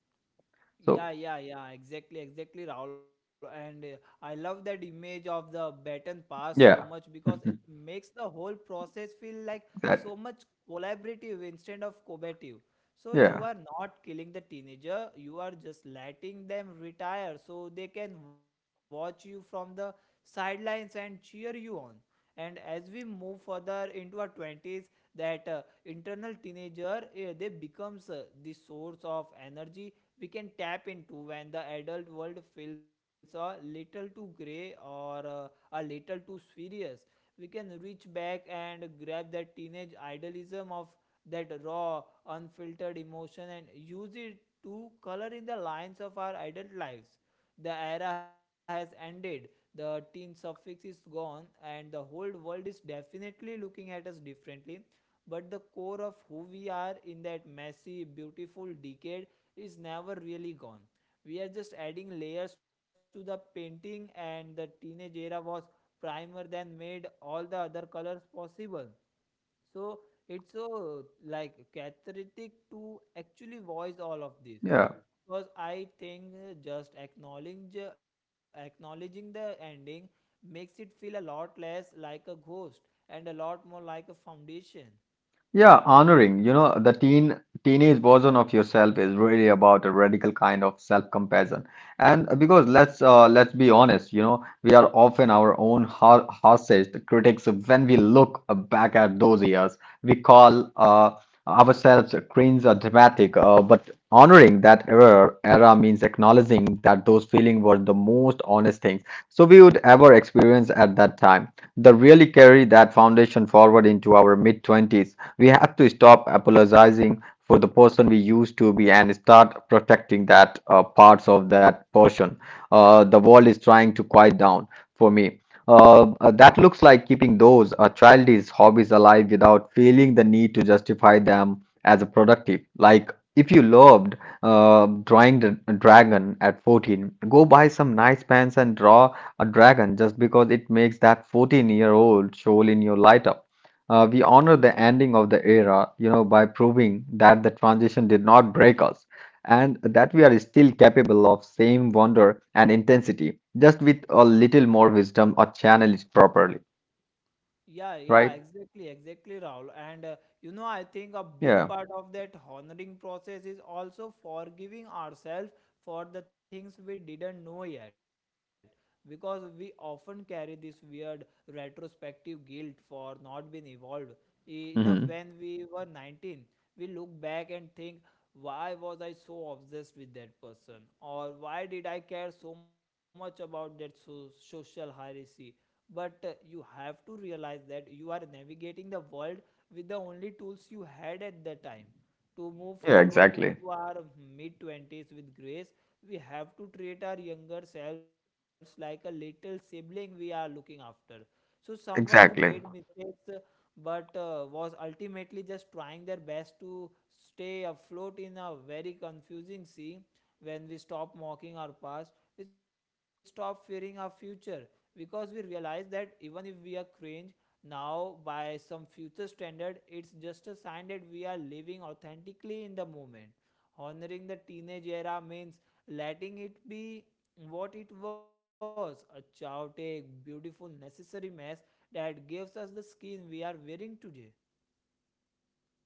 Speaker 1: Yeah,
Speaker 2: So
Speaker 1: yeah, yeah, exactly, exactly, Rahul. And I love that image of the baton pass so much because
Speaker 2: yeah,
Speaker 1: it makes the whole process feel like so much
Speaker 2: that,
Speaker 1: collaborative instead of combative. So you are
Speaker 2: yeah,
Speaker 1: not killing the teenager, you are just letting them retire so they can watch you from the sidelines and cheer you on. And as we move further into our 20s, that internal teenager, they becomes the source of energy we can tap into when the adult world feels a little too gray or a little too serious. We can reach back and grab that teenage idealism of that raw, unfiltered emotion and use it to color in the lines of our adult lives. The era has ended, the teen suffix is gone, and the whole world is definitely looking at us differently. But the core of who we are in that messy, beautiful decade is never really gone. We are just adding layers to the painting, and the teenage era was primer than made all the other colors possible. So it's so like cathartic to actually voice all of this
Speaker 2: yeah.
Speaker 1: because I think just acknowledging the ending makes it feel a lot less like a ghost and a lot more like a foundation.
Speaker 2: Yeah, honoring, you know, the teenage version of yourself is really about a radical kind of self-compassion. And because let's be honest, you know, we are often our own harshest critics when we look back at those years. We call ourselves cringe or dramatic, but honoring that era means acknowledging that those feelings were the most honest things so we would ever experience at that time. The really carry that foundation forward into our mid-20s, we have to stop apologizing for the person we used to be and start protecting that parts of that person. The world is trying to quiet down for me. That looks like keeping those childish hobbies alive without feeling the need to justify them as a productive. Like if you loved drawing the dragon at 14, go buy some nice pens and draw a dragon just because it makes that 14-year-old soul in your light up. We honor the ending of the era, you know, by proving that the transition did not break us and that we are still capable of same wonder and intensity, just with a little more wisdom or channel it properly,
Speaker 1: Yeah, yeah,
Speaker 2: right?
Speaker 1: exactly, exactly, Rahul. And you know, I think a big
Speaker 2: Yeah.
Speaker 1: part of that honoring process is also forgiving ourselves for the things we didn't know yet. Because we often carry this weird retrospective guilt for not being enough when
Speaker 2: Hmm.
Speaker 1: we were 19. We look back and think, why was I so obsessed with that person? Or why did I care so much about that social hierarchy? But you have to realize that you are navigating the world with the only tools you had at the time. To move
Speaker 2: Yeah,
Speaker 1: forward
Speaker 2: exactly.
Speaker 1: into our mid 20s with grace, we have to treat our younger selves like a little sibling we are looking after, so someone who made
Speaker 2: Exactly.
Speaker 1: mistakes but was ultimately just trying their best to stay afloat in a very confusing sea. When we stop mocking our past, we stop fearing our future, because we realize that even if we are cringe now by some future standard, it's just a sign that we are living authentically in the moment. Honoring the teenage era means letting it be what it was, a chaotic, beautiful, necessary mess that gives us the skin we are wearing today.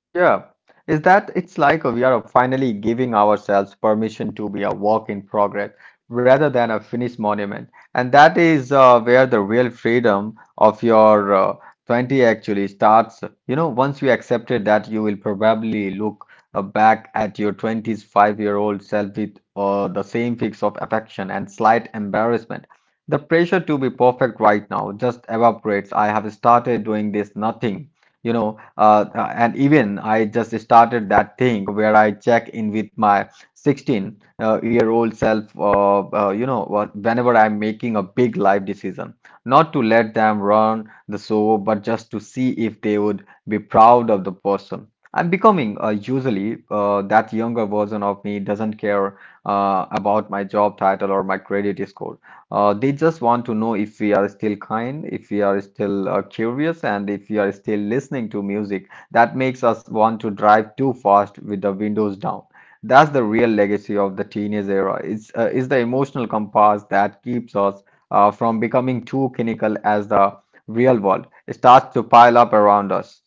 Speaker 2: Yeah, is that it's like we are finally giving ourselves permission to be a work in progress rather than a finished monument. And that is where the real freedom of your 20 actually starts. You know, once you accepted that, you will probably look back at your 20s five-year-old self with the same fix of affection and slight embarrassment. The pressure to be perfect right now just evaporates. I have started doing this nothing. And even I just started that thing where I check in with my 16 year old self, you know, whenever I'm making a big life decision, not to let them run the show, but just to see if they would be proud of the person I'm becoming. Usually that younger version of me doesn't care about my job title or my credit score. They just want to know if we are still kind, if we are still curious, and if we are still listening to music that makes us want to drive too fast with the windows down. That's the real legacy of the teenage era. It's the emotional compass that keeps us from becoming too cynical as the real world starts to pile up around us.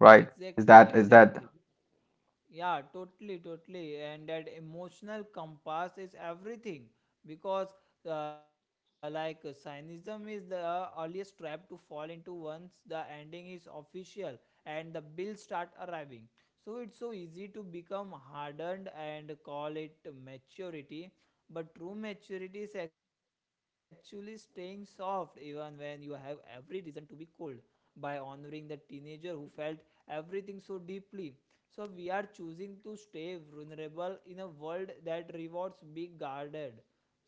Speaker 2: Right? Is
Speaker 1: exactly.
Speaker 2: that,
Speaker 1: Yeah, totally, totally. And that emotional compass is everything because, cynism is the earliest trap to fall into once the ending is official and the bills start arriving. So it's so easy to become hardened and call it maturity. But true maturity is actually staying soft even when you have every reason to be cold. By honoring the teenager who felt everything so deeply, so we are choosing to stay vulnerable in a world that rewards being guarded.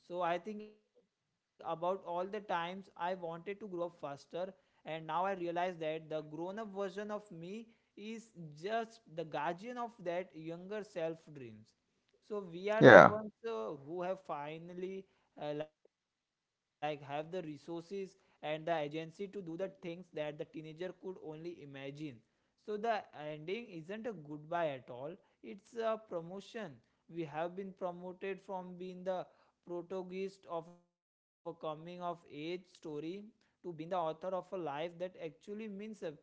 Speaker 1: So I think about all the times I wanted to grow up faster, and now I realize that the grown up version of me is just the guardian of that younger self dreams. So we are the
Speaker 2: yeah,
Speaker 1: ones who have finally like have the resources and the agency to do the things that the teenager could only imagine. So the ending isn't a goodbye at all, it's a promotion. We have been promoted from being the protagonist of a coming of age story to being the author of a life that actually means something.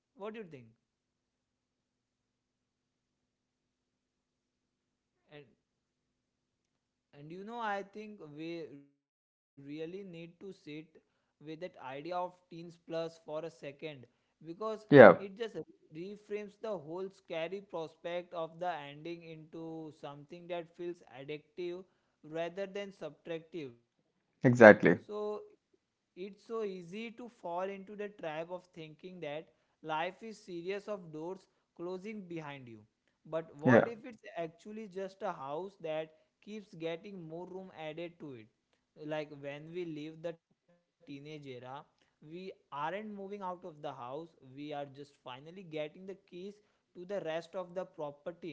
Speaker 1: What do you think? And And you know, I think we really need to sit with that idea of teens plus for a second because it
Speaker 2: yeah,
Speaker 1: just reframes the whole scary prospect of the ending into something that feels addictive rather than subtractive. So
Speaker 2: exactly.
Speaker 1: it's so easy to fall into the trap of thinking that life is series of doors closing behind you, but what if
Speaker 2: Yeah,
Speaker 1: it's actually just a house that keeps getting more room added to it? Like when we leave the teenage era, we aren't moving out of the house, we are just finally getting the keys to the rest of the property.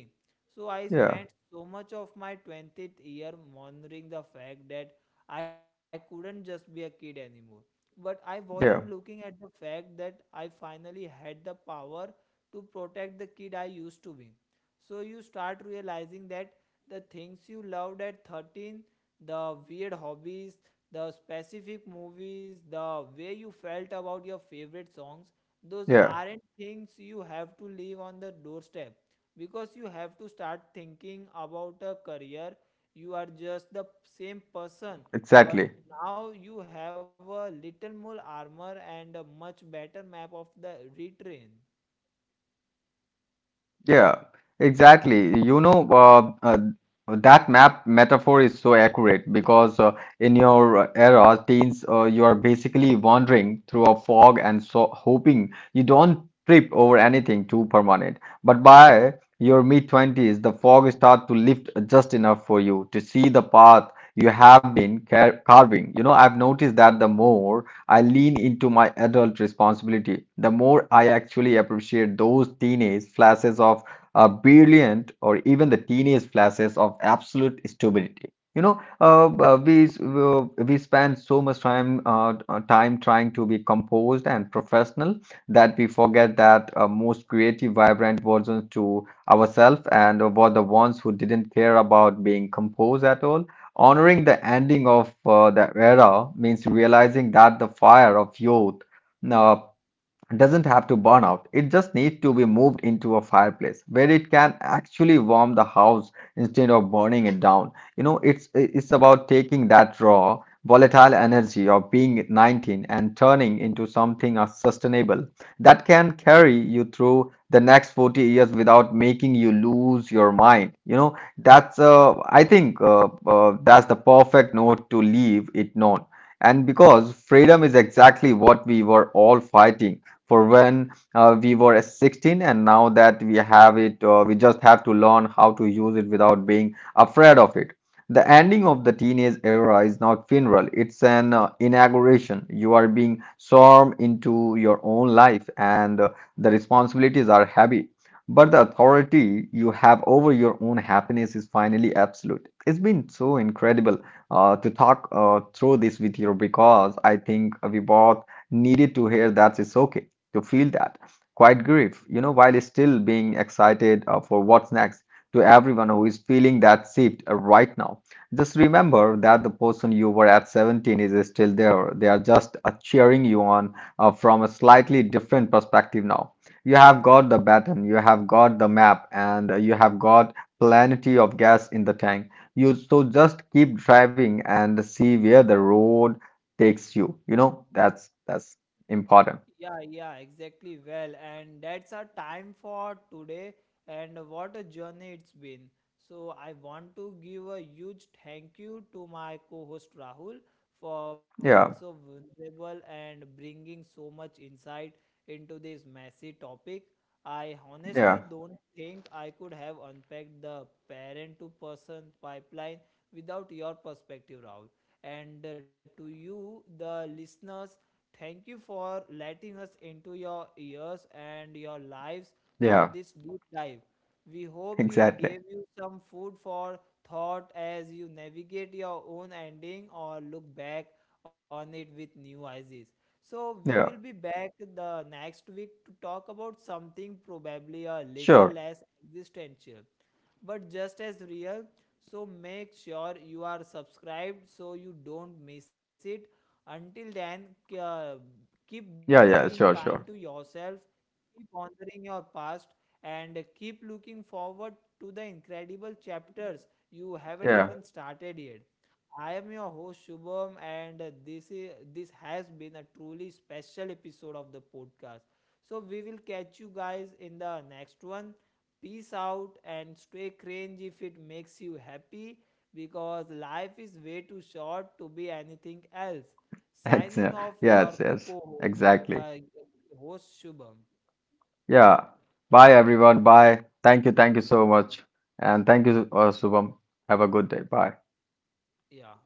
Speaker 1: So I
Speaker 2: yeah,
Speaker 1: spent so much of my 20th year monitoring the fact that I couldn't just be a kid anymore. But I wasn't looking
Speaker 2: yeah,
Speaker 1: at the fact that I finally had the power to protect the kid I used to be. So you start realizing that the things you loved at 13, the weird hobbies, the specific movies, the way you felt about your favorite songs, those
Speaker 2: yeah,
Speaker 1: aren't things you have to leave on the doorstep because you have to start thinking about a career. You are just the
Speaker 2: exactly.
Speaker 1: same person, but now you have a little more armor and a much better map of the retrain.
Speaker 2: Yeah, exactly. That map metaphor is so accurate because, in your era, teens, you are basically wandering through a fog and so hoping you don't trip over anything too permanent. But by your mid-20s, the fog start to lift just enough for you to see the path you have been carving. You know, I've noticed that the more I lean into my adult responsibility, the more I actually appreciate those teenage flashes of brilliant, or even the teenage flashes of absolute stupidity. You know, uh, we spend so much time trying to be composed and professional that we forget that, most creative, vibrant versions to ourselves and were the ones who didn't care about being composed at all. Honoring the ending of the era means realizing that the fire of youth, uh, doesn't have to burn out. It just needs to be moved into a fireplace where it can actually warm the house instead of burning it down. You know, it's about taking that raw, volatile energy of being 19 and turning into something as sustainable that can carry you through the next 40 years without making you lose your mind. You know, that's I think that's the perfect note to leave it on. And because freedom is exactly what we were all fighting for when, we were 16, and now that we have it, we just have to learn how to use it without being afraid of it. The ending of the teenage era is not funeral, it's an inauguration. You are being sworn into your own life, and the responsibilities are heavy, but the authority you have over your own happiness is finally absolute. It's been so incredible to talk through this with you, because I think we both needed to hear that it's okay to feel that quiet grief, you know, while still being excited for what's next. To everyone who is feeling that shift right now, just remember that the person you were at 17 is still there. They are just cheering you on from a slightly different perspective now. You have got the baton, you have got the map, and you have got plenty of gas in the tank. You so just keep driving and see where the road takes you. You know, that's important.
Speaker 1: Yeah, yeah, exactly. Well, and that's our time for today. And what a journey it's been. So, I want to give a huge thank you to my co host Rahul for being
Speaker 2: Yeah.
Speaker 1: so vulnerable and bringing so much insight into this messy topic. I
Speaker 2: Yeah,
Speaker 1: honestly don't think I could have unpacked the parent to person pipeline without your perspective, Rahul. And To you, the listeners, thank you for letting us into your ears and your lives for
Speaker 2: yeah,
Speaker 1: this deep dive. We hope it
Speaker 2: exactly.
Speaker 1: gave you some food for thought as you navigate your own ending or look back on it with new eyes. So, we will
Speaker 2: Yeah,
Speaker 1: be back the next week to talk about something probably a little
Speaker 2: sure.
Speaker 1: less existential but just as real. So make sure you are subscribed so you don't miss it. Until then, uh, keep
Speaker 2: Yeah,
Speaker 1: being
Speaker 2: yeah,
Speaker 1: kind
Speaker 2: sure,
Speaker 1: to
Speaker 2: sure.
Speaker 1: yourself, keep honoring your past, and keep looking forward to the incredible chapters you haven't
Speaker 2: Yeah,
Speaker 1: even started yet. I am your host Shubham, and this has been a truly special episode of the podcast. So we will catch you guys in the next one. Peace out and stay cringe if it makes you happy, because life is way too short to be anything else. Signing
Speaker 2: excellent.
Speaker 1: off,
Speaker 2: Yes,
Speaker 1: your
Speaker 2: yes,
Speaker 1: co-host,
Speaker 2: exactly.
Speaker 1: uh, host Shubham.
Speaker 2: Yeah. Bye, everyone. Bye. Thank you. Thank you so much. And thank you, Shubham. Have a good day. Bye.
Speaker 1: Yeah.